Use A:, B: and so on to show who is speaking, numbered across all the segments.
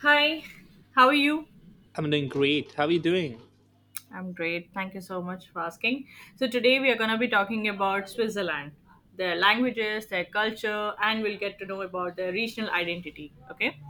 A: Hi, how are you?
B: I'm doing great. How are you doing?
A: I'm great. Thank you so much for asking. So, today we are going to be talking about Switzerland, their languages, their culture, and we'll get to know about their regional identity. Okay.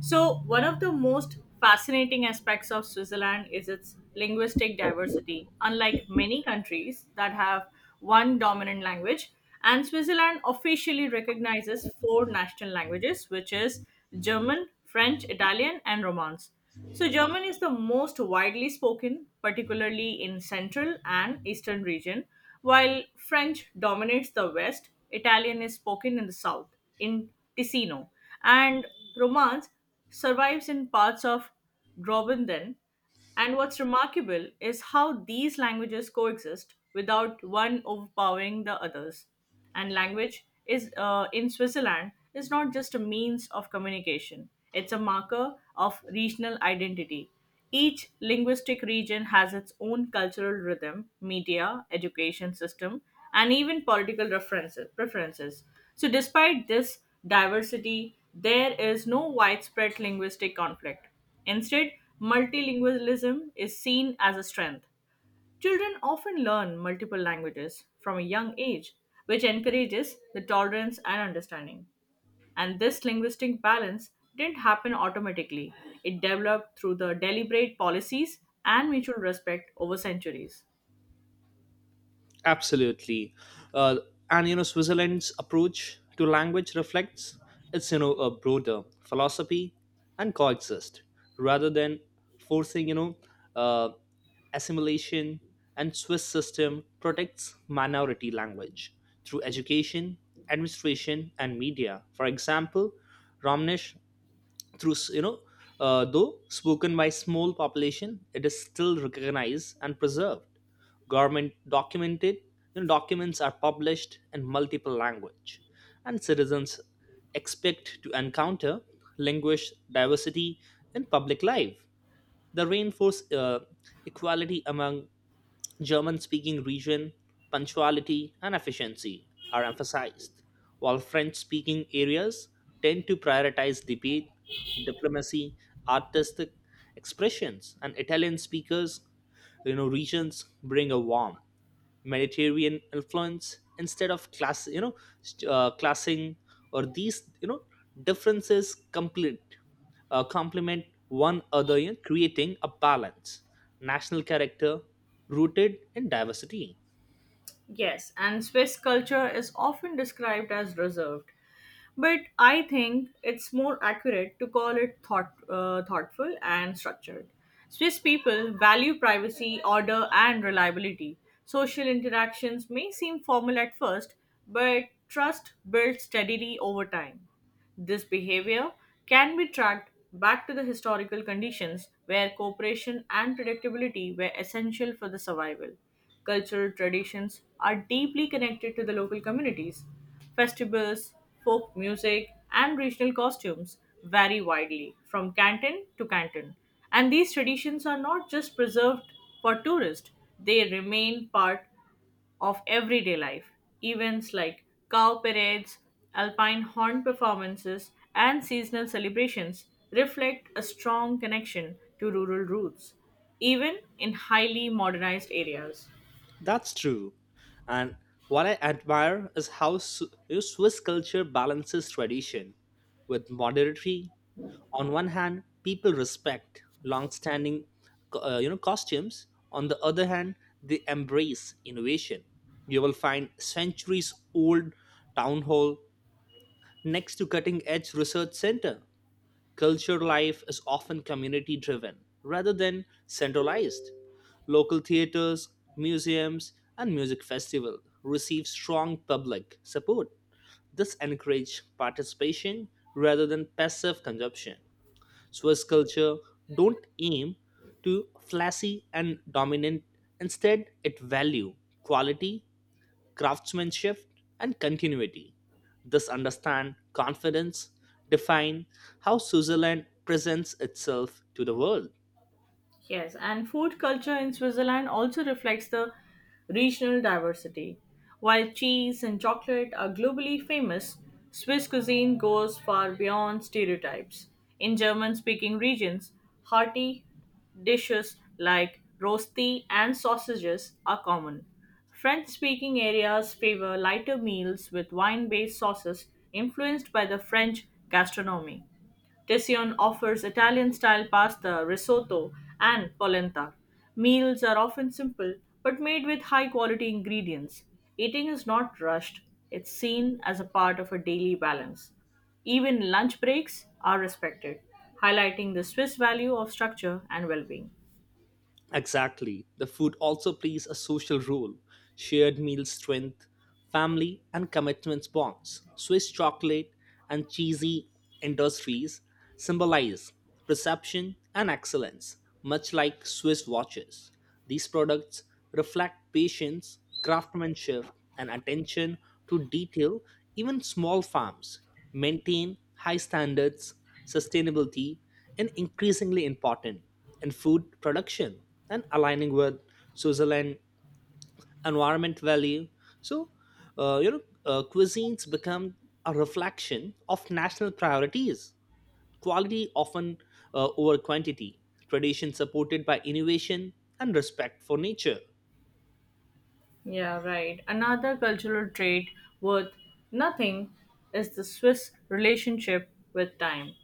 A: So, one of the most fascinating aspects of Switzerland is its linguistic diversity. Unlike many countries that have one dominant language, and Switzerland officially recognizes four national languages, which is German, French, Italian, and Romance. So German is the most widely spoken, particularly in central and eastern region, while French dominates the west, Italian is spoken in the south, in Ticino, and Romance survives in parts of Graubünden, and what's remarkable is how these languages coexist without one overpowering the others. And language is in Switzerland is not just a means of communication; it's a marker of regional identity. Each linguistic region has its own cultural rhythm, media, education system, and even political references, preferences. So, despite this diversity, there is no widespread linguistic conflict. Instead, multilingualism is seen as a strength. Children often learn multiple languages from a young age, which encourages the tolerance and understanding. And this linguistic balance didn't happen automatically, it developed through the deliberate policies and mutual respect over centuries.
B: Absolutely. Uh, and you know, Switzerland's approach to language reflects its a broader philosophy and coexist rather than forcing uh, assimilation. And Swiss system protects minority language through education, administration, and media. For example, Romnish through s- you know though spoken by small population it is still recognized and preserved government documented, documents are published in multiple language and citizens expect to encounter language diversity in public life the reinforce equality among German-speaking region, punctuality and efficiency are emphasized, while French-speaking areas tend to prioritize debate, diplomacy, artistic expressions, and Italian speakers, regions bring a warmth mediterranean influence instead of classing or these differences complete complement one other, creating a balance national character rooted in diversity.
A: Yes, and Swiss culture is often described as reserved, but I think it's more accurate to call it thoughtful and structured. Swiss people value privacy, order, and reliability. Social interactions may seem formal at first, but trust builds steadily over time. This behavior can be tracked back to the historical conditions where cooperation and predictability were essential for the survival. Cultural traditions are deeply connected to the local communities. Festivals, folk music, and regional costumes vary widely from canton to canton. And these traditions are not just preserved for tourists, they remain part of everyday life. Events like cow parades, alpine horn performances, and seasonal celebrations reflect a strong connection to rural roots, even in highly modernized areas.
B: That's true. And what I admire is how swiss culture balances tradition with modernity. On one hand people respect long-standing costumes, on the other hand they embrace innovation. You will find centuries old town hall next to cutting edge research center. Culture life is often community driven rather than centralized. Local theaters museums and music festival receive strong public support. This encourages participation rather than passive consumption. Swiss culture don't aim to flashy and dominant. Instead, it value quality, craftsmanship, and continuity. This understand confidence define how Switzerland presents itself to the world.
A: Yes, and food culture in Switzerland also reflects the regional diversity. While cheese and chocolate are globally famous, Swiss cuisine goes far beyond stereotypes. In German speaking regions, hearty dishes like rosti and sausages are common. French speaking areas favor lighter meals with wine based sauces influenced by the French gastronomy. Tessione offers Italian style pasta, risotto, and polenta. Meals are often simple but made with high quality ingredients. Eating is not rushed, it's seen as a part of a daily balance. Even lunch breaks are respected, highlighting the Swiss value of structure and well being.
B: Exactly. The food also plays a social role. Shared meals strength, family and commitments bonds. Swiss chocolate and cheesy industries symbolize perception and excellence, much like Swiss watches. These products reflect patience, craftsmanship, and attention to detail. Even small farms maintain high standards, sustainability, is increasingly important in food production and aligning with Switzerland' environment value. So, cuisines become a reflection of national priorities. Quality often over quantity, tradition supported by innovation, and respect for nature.
A: Yeah, right. Another cultural trait worth nothing is the Swiss relationship with time.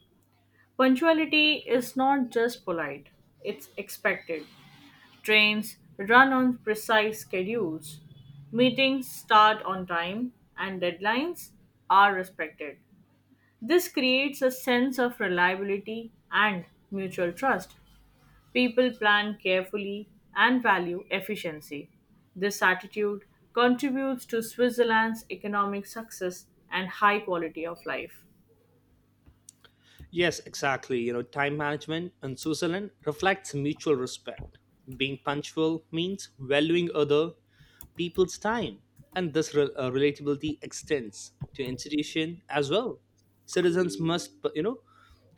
A: Punctuality is not just polite, it's expected. Trains run on precise schedules, meetings start on time, and deadlines are respected. This creates a sense of reliability and mutual trust. People plan carefully and value efficiency. This attitude contributes to Switzerland's economic success and high quality of life.
B: Yes, exactly. You know, time management in Switzerland reflects mutual respect. Being punctual means valuing other people's time, and this relatability extends to institution as well. Citizens must,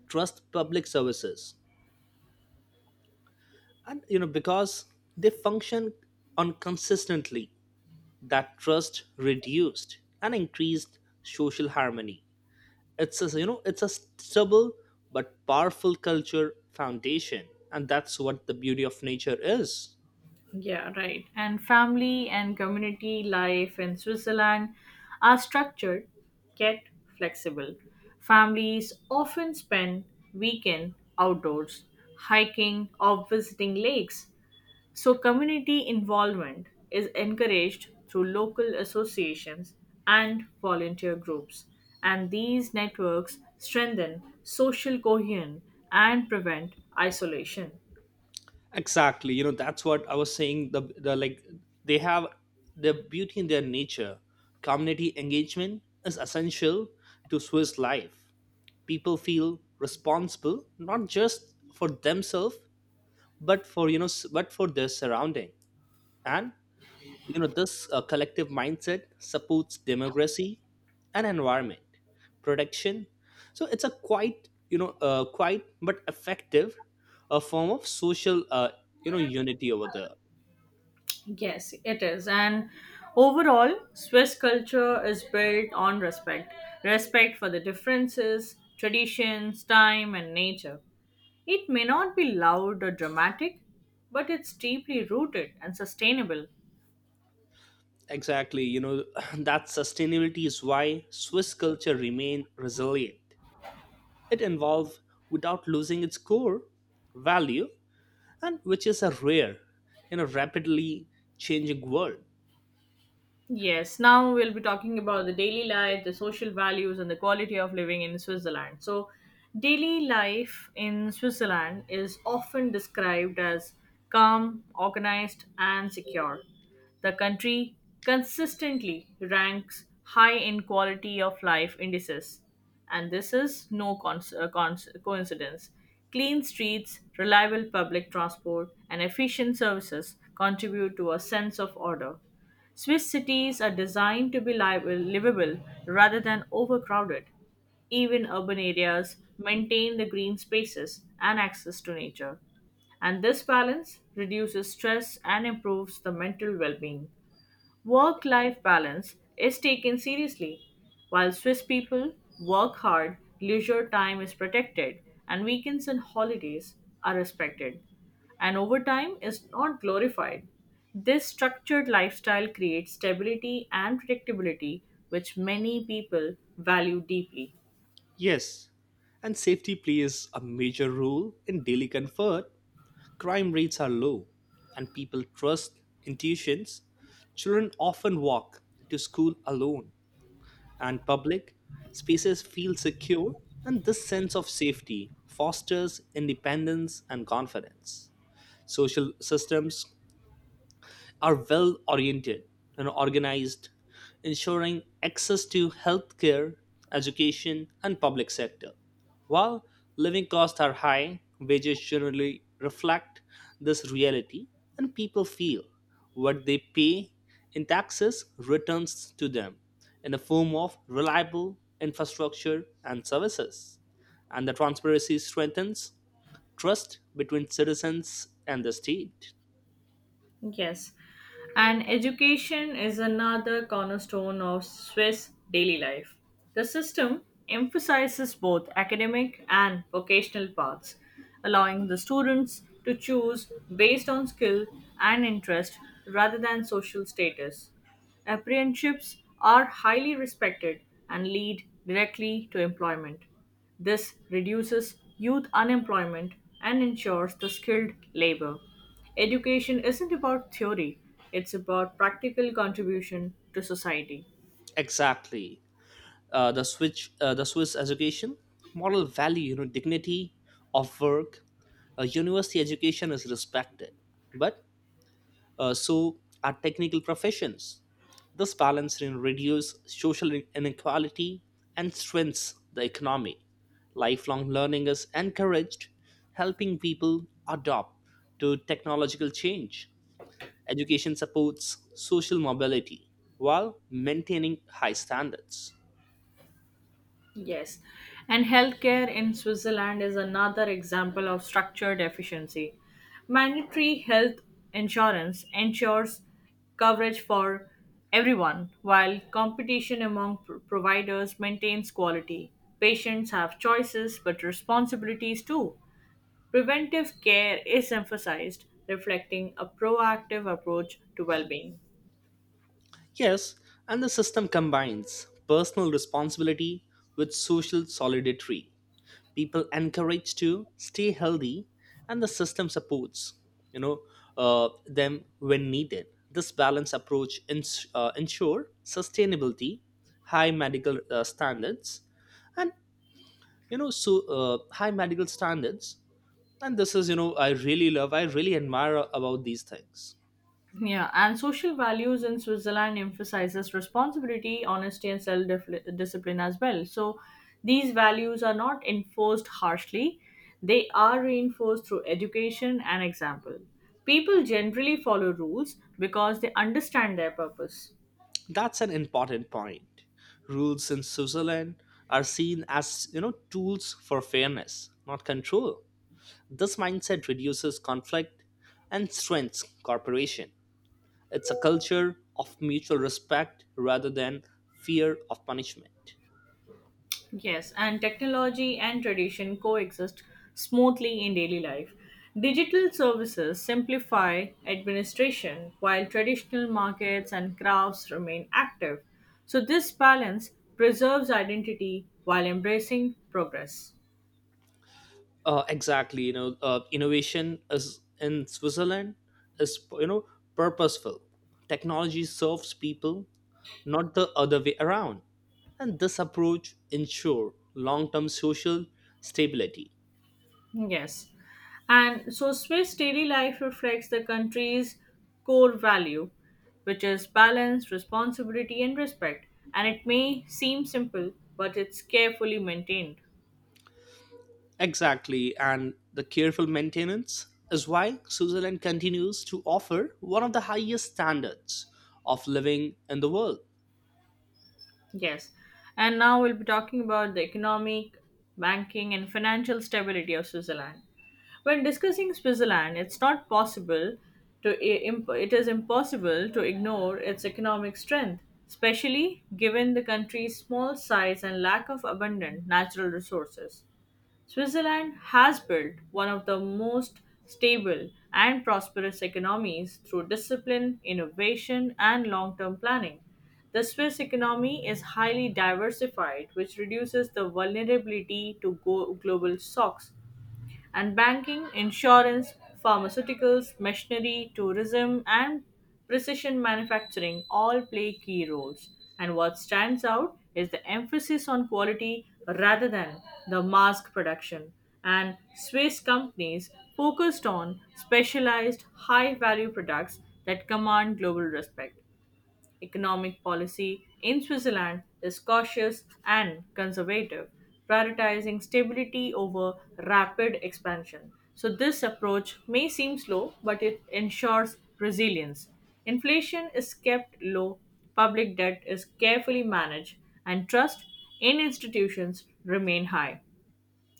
B: trust public services, and because they function on consistently. That trust reduced and increased social harmony. It's a it's a stable but powerful culture foundation, and that's what the beauty of nature is.
A: Yeah, right. And family and community life in Switzerland are structured yet flexible. Families often spend weekend outdoors, hiking or visiting lakes, so community involvement is encouraged through local associations and volunteer groups. And these networks strengthen social cohesion and prevent isolation.
B: Exactly. You know, that's what I was saying. The like they have the beauty in their nature. Community engagement is essential to swiss life. People feel responsible not just for themselves but for but for their surrounding, and this collective mindset supports democracy and environment protection. So it's a quite you know quite but effective a form of social unity over there.
A: Yes, it is. And overall, Swiss culture is built on respect, respect for the differences, traditions, time, and nature. It may not be loud or dramatic, but it's deeply rooted and sustainable.
B: Exactly. You know, that sustainability is why swiss culture remain resilient. It evolved without losing its core value, and which is a rare in a rapidly changing world.
A: Yes, now we'll be talking about the daily life, the social values, and the quality of living in Switzerland. So, daily life in Switzerland is often described as calm, organized, and secure. The country consistently ranks high in quality of life indices, and this is no coincidence. Clean streets, reliable public transport, and efficient services contribute to a sense of order. Swiss cities are designed to be livable rather than overcrowded. Even urban areas maintain the green spaces and access to nature. And this balance reduces stress and improves the mental well being. Work life balance is taken seriously. While Swiss people work hard, leisure time is protected, and weekends and holidays are respected. And overtime is not glorified. This structured lifestyle creates stability and predictability, which many people value deeply.
B: Yes, and safety plays a major role in daily comfort. Crime rates are low, and people trust intuitions. Children often walk to school alone, and public spaces feel secure, and this sense of safety fosters independence and confidence. Social systems are well oriented and organized, ensuring access to healthcare, education, and public sector. While living costs are high, wages generally reflect this reality, and people feel what they pay in taxes returns to them in the form of reliable infrastructure and services. And the transparency strengthens trust between citizens and the state.
A: Yes. And education is another cornerstone of Swiss daily life. The system emphasizes both academic and vocational paths, allowing the students to choose based on skill and interest rather than social status. Apprenticeships are highly respected and lead directly to employment. This reduces youth unemployment and ensures the skilled labor. Education isn't about theory, it's about practical contribution to society.
B: Exactly. The switch the swiss education model value dignity of work. University education is respected, but so are technical professions. This balance, reduces social inequality and strengthens the economy. Lifelong learning is encouraged helping people adopt to technological change. Education supports social mobility while maintaining high standards.
A: Yes, and healthcare in Switzerland is another example of structured efficiency. Mandatory health insurance ensures coverage for everyone, while competition among providers maintains quality. Patients have choices but responsibilities too. Preventive care is emphasized, reflecting a proactive approach to well-being.
B: Yes, and the system combines personal responsibility with social solidarity. People encouraged to stay healthy, and the system supports you know them when needed. This balanced approach ensure sustainability, high medical standards, and high medical standards. And this is, you know, I really love, I really admire about these things.
A: Yeah, and social values in Switzerland emphasizes responsibility, honesty, and self-discipline as well. So these values are not enforced harshly; they are reinforced through education and example. People generally follow rules because they understand their purpose.
B: That's an important point. Rules in Switzerland are seen as, you know, tools for fairness, not control. This mindset reduces conflict and strengthens cooperation. It's a culture of mutual respect rather than fear of punishment.
A: Yes, and technology and tradition coexist smoothly in daily life. Digital services simplify administration while traditional markets and crafts remain active. So, this balance preserves identity while embracing progress.
B: Exactly, you know, innovation is in Switzerland is purposeful. Technology serves people, not the other way around. And this approach ensure long-term social stability.
A: Yes. And so, Swiss daily life reflects the country's core value, which is balance, responsibility, and respect. And it may seem simple, but it's carefully maintained.
B: Exactly, and the careful maintenance is why Switzerland continues to offer one of the highest standards of living in the world.
A: Yes. And now we'll be talking about the economic, banking, and financial stability of Switzerland. When discussing Switzerland, it's not possible to i- it is impossible to ignore its economic strength, especially given the country's small size and lack of abundant natural resources. Switzerland has built one of the most stable and prosperous economies through discipline, innovation, and long term planning. The Swiss economy is highly diversified, which reduces the vulnerability to global shocks, and banking, insurance, pharmaceuticals, machinery, tourism, and precision manufacturing all play key roles. And what stands out is the emphasis on quality rather than the mass production. And Swiss companies focused on specialized high value products that command global respect. Economic policy in Switzerland is cautious and conservative, prioritizing stability over rapid expansion. So, this approach may seem slow, but it ensures resilience. Inflation is kept low, public debt is carefully managed, and trust in institutions remain high.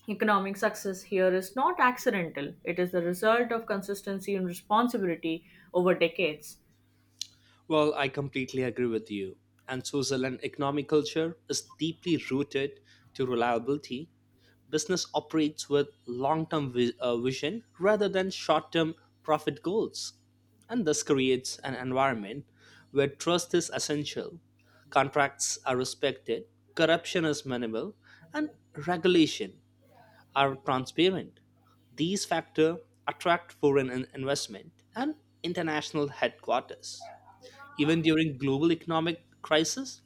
A: Economic success here is not accidental, it is the result of consistency and responsibility over decades.
B: Well, I completely agree with you. And social and economic culture is deeply rooted to reliability. Business operates with long term vision rather than short term profit goals. And this creates an environment where trust is essential, contracts are respected, corruption is minimal, and regulation are transparent. These factors attract foreign investment and international headquarters. Even during global economic crisis,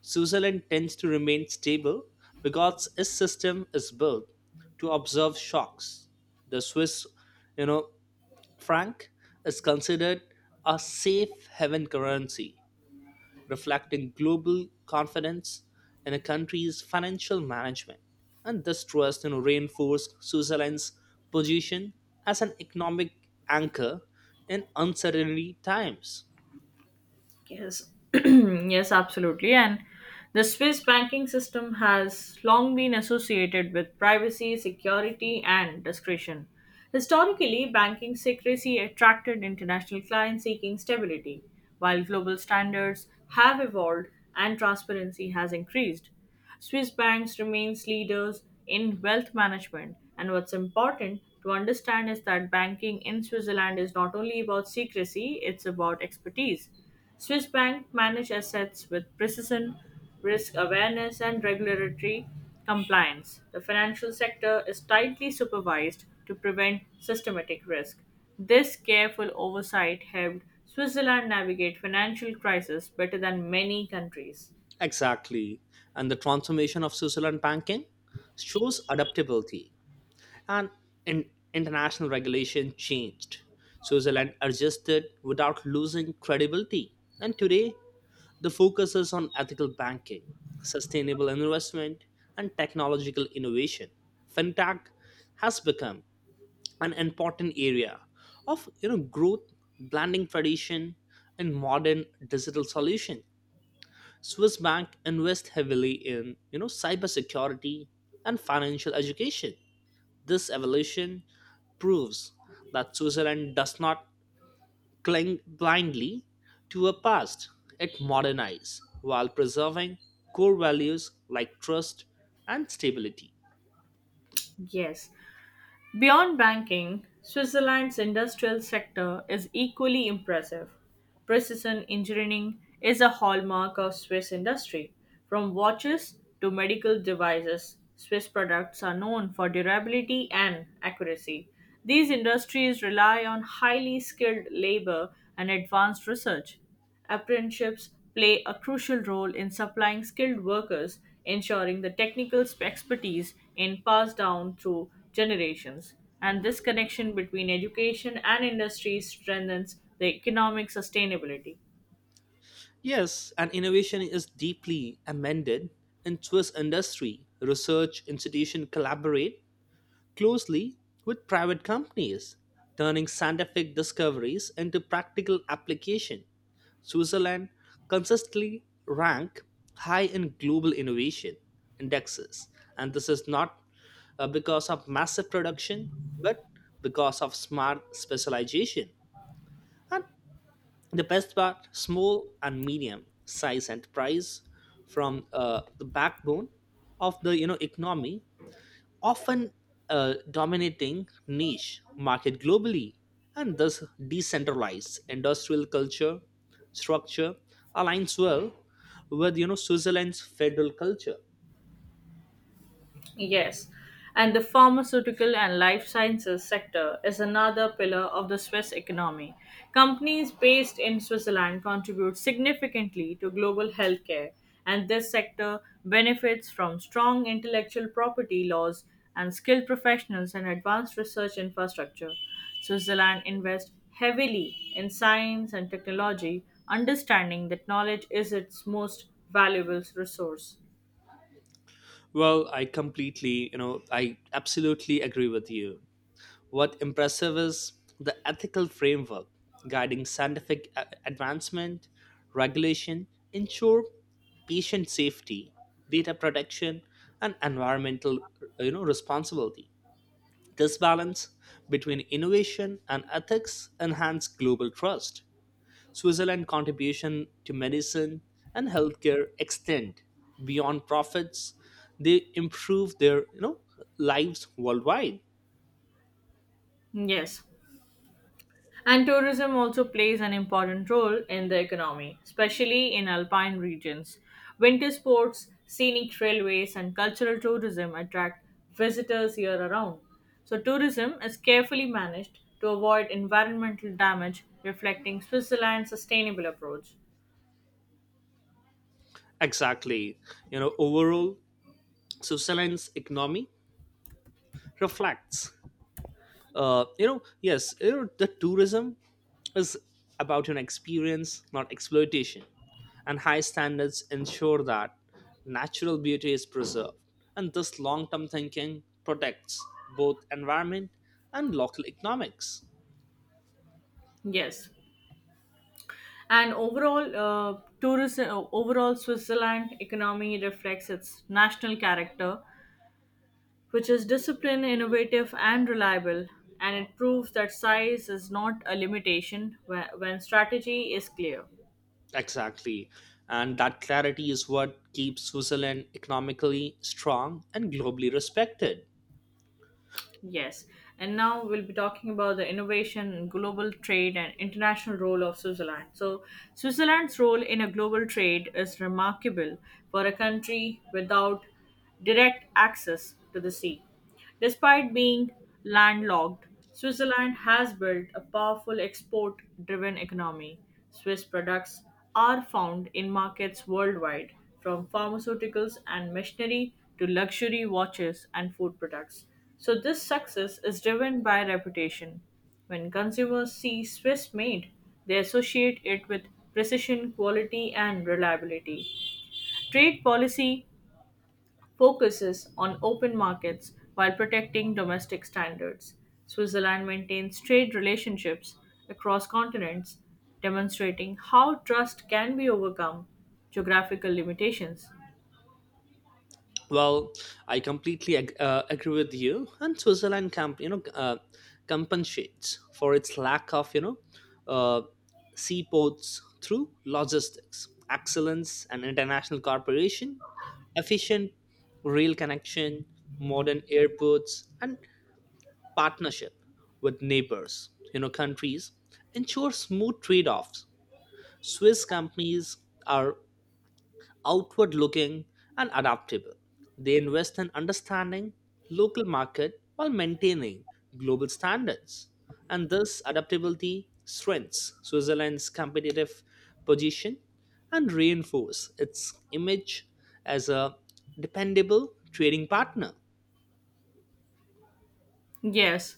B: Switzerland tends to remain stable because its system is built to observe shocks. The Swiss, you know, franc is considered a safe haven currency, reflecting global confidence in a country's financial management. And this trust, reinforced Switzerland's position as an economic anchor in uncertainty times.
A: Yes, yes, absolutely. And the Swiss banking system has long been associated with privacy, security, and discretion. Historically, banking secrecy attracted international clients seeking stability, while global standards have evolved and transparency has increased. Swiss banks remains leaders in wealth management, and what's important to understand is that banking in Switzerland is not only about secrecy, it's about expertise. Swiss bank manage assets with precision, risk awareness, and regulatory compliance. The financial sector is tightly supervised to prevent systematic risk. This careful oversight helped Switzerland navigate financial crisis better than many countries.
B: Exactly. And the transformation of Switzerland banking shows adaptability. And in international regulation changed. Switzerland adjusted without losing credibility. And today, the focus is on ethical banking, sustainable investment, and technological innovation. Fintech has become an important area of growth, blending tradition, and modern digital solution. Swiss bank invest heavily in cybersecurity and financial education. This evolution proves that Switzerland does not cling blindly to a past; it modernizes while preserving core values like trust and stability.
A: Yes, beyond banking, Switzerland's industrial sector is equally impressive. Precision engineering is a hallmark of Swiss industry. From watches to medical devices, Swiss products are known for durability and accuracy. These industries rely on highly skilled labor and advanced research. Apprenticeships play a crucial role in supplying skilled workers, ensuring the technical expertise is passed down through generations. And this connection between education and industry strengthens the economic sustainability.
B: Yes, and innovation is deeply amended in Swiss industry. Research institutions collaborate closely with private companies, turning scientific discoveries into practical application. Switzerland consistently rank high in global innovation indexes, and this is not because of massive production, but because of smart specialization. And the best part, small and medium size enterprise from the backbone of the economy often dominating niche market globally and thus decentralized industrial culture structure aligns well with switzerland's federal culture.
A: Yes, and the pharmaceutical and life sciences sector is another pillar of the Swiss economy. Companies based in Switzerland contribute significantly to global healthcare, and this sector benefits from strong intellectual property laws and skilled professionals and advanced research infrastructure. Switzerland invests heavily in science and technology, understanding that knowledge is its most valuable resource.
B: Well, I completely you know I absolutely agree with you. What impressive is the ethical framework guiding scientific advancement regulation ensure patient safety data protection and environmental, responsibility. This balance between innovation and ethics enhanced global trust. Switzerland's contribution to medicine and healthcare extend beyond profits. They improve their lives worldwide.
A: Yes. And tourism also plays an important role in the economy, especially in alpine regions. Winter sports, scenic railways, and cultural tourism attract visitors year around. So, tourism is carefully managed to avoid environmental damage, reflecting Switzerland's sustainable approach.
B: Exactly. You know, overall, Switzerland's economy reflects yes, you know, the tourism is about an experience not exploitation, and high standards ensure that natural beauty is preserved, and this long-term thinking protects both environment and local economics.
A: Yes. And overall, overall Switzerland economy reflects its national character, which is disciplined, innovative, and reliable. And it proves that size is not a limitation when strategy is clear.
B: Exactly, and that clarity is what keeps switzerland economically strong and globally respected.
A: Yes. And now we'll be talking about the innovation, in global trade, and international role of Switzerland. So, Switzerland's role in a global trade is remarkable for a country without direct access to the sea. Despite being landlocked, Switzerland has built a powerful export driven economy. Swiss products are found in markets worldwide, from pharmaceuticals and machinery to luxury watches and food products. So, this success is driven by reputation. When consumers see Swiss made, they associate it with precision, quality, and reliability. Trade policy focuses on open markets while protecting domestic standards. Switzerland maintains trade relationships across continents, demonstrating how trust can be overcome geographical limitations.
B: Well, I agree with you. And Switzerland compensates for its lack of, you know, uh, seaports through logistics, excellence, and international cooperation, efficient rail connection, modern airports, and partnership with neighbors, you know, countries ensure smooth trade-offs. Swiss companies are outward looking, and adaptable. They invest in understanding local market while maintaining global standards. And this adaptability strengthens Switzerland's competitive position and reinforces its image as a dependable trading partner.
A: Yes,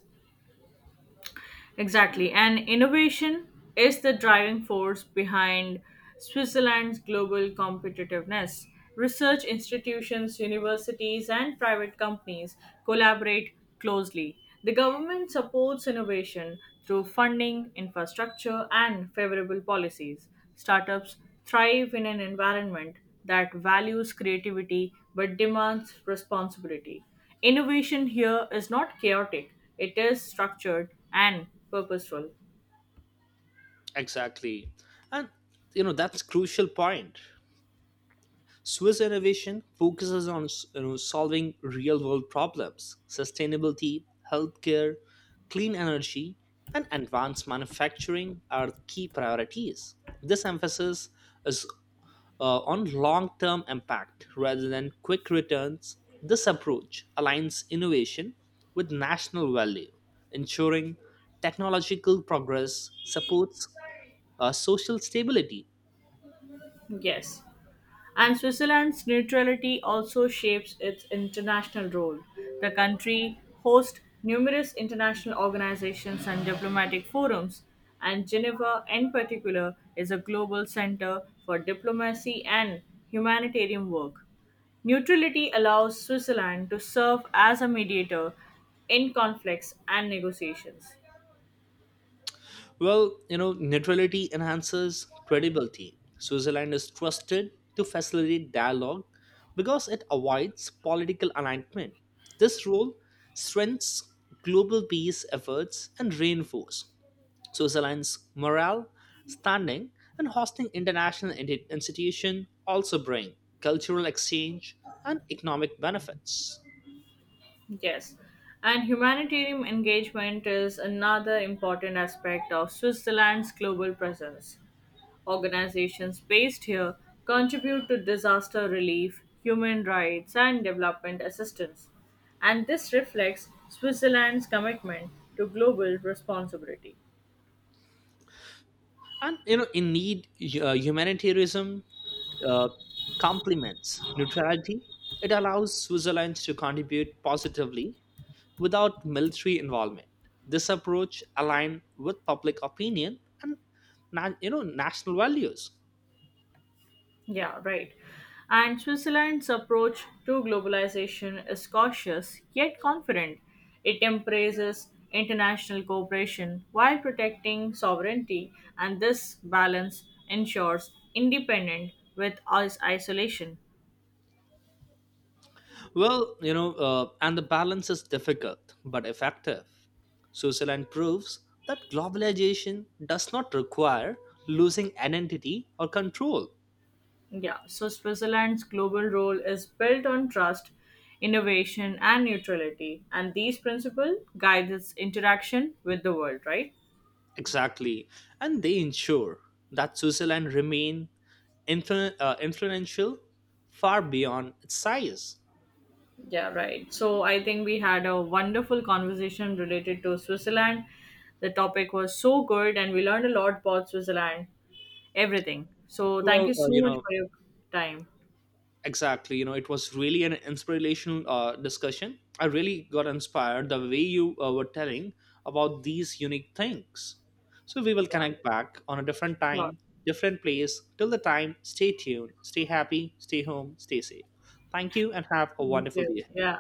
A: exactly. And innovation is the driving force behind Switzerland's global competitiveness. Research institutions, universities, and private companies collaborate closely. The government supports innovation through funding, infrastructure, and favorable policies. Startups thrive in an environment that values creativity but demands responsibility. Innovation here is not chaotic, it is structured and purposeful.
B: Exactly. And you know that's crucial point. Swiss innovation focuses on, you know, solving real world problems sustainability, healthcare, clean energy, and advanced manufacturing are key priorities. This emphasis is on long term impact rather than quick returns. This approach aligns innovation with national value, ensuring technological progress supports social stability.
A: Yes. And Switzerland's neutrality also shapes its international role. The country hosts numerous international organizations and diplomatic forums, and Geneva, in particular, is a global center for diplomacy and humanitarian work. Neutrality allows Switzerland to serve as a mediator in conflicts and negotiations.
B: Well, you know, neutrality enhances credibility. Switzerland is trusted to facilitate dialogue because it avoids political alignment. This role strengthens global peace efforts and reinforces Switzerland's morale, standing, and hosting international institutions also bring cultural exchange and economic benefits.
A: Yes, and humanitarian engagement is another important aspect of Switzerland's global presence. Organizations based here contribute to disaster relief, human rights, and development assistance. And this reflects Switzerland's commitment to global responsibility.
B: And you know, in need, humanitarianism uh, complements neutrality. It allows Switzerland to contribute positively without military involvement. This approach aligns with public opinion and national values.
A: Yeah, right. And Switzerland's approach to globalization is cautious yet confident. It embraces international cooperation while protecting sovereignty, and this balance ensures independence with isolation.
B: Well, you know, and the balance is difficult but effective. Switzerland proves that globalization does not require losing identity or control.
A: Yeah, so Switzerland's global role is built on trust, innovation, and neutrality, and these principles guide its interaction with the world, right?
B: Exactly. And they ensure that Switzerland remain influential far beyond its size.
A: Yeah, right. So I think we had a wonderful conversation related to Switzerland. The topic was so good and we learned a lot about Switzerland, everything. So thank
B: Well,
A: you
B: uh,
A: so
B: you
A: much
B: know,
A: for your time.
B: exactly. You know, it was really an inspirational discussion. I really got inspired the way you were telling about these unique things. So we will
A: Yeah,
B: connect back on a different
A: sure.
B: time, different place. Till the time, stay tuned, stay happy, stay home, stay safe. Thank you and have a
A: Thank
B: wonderful
A: you.
B: day.
A: Yeah.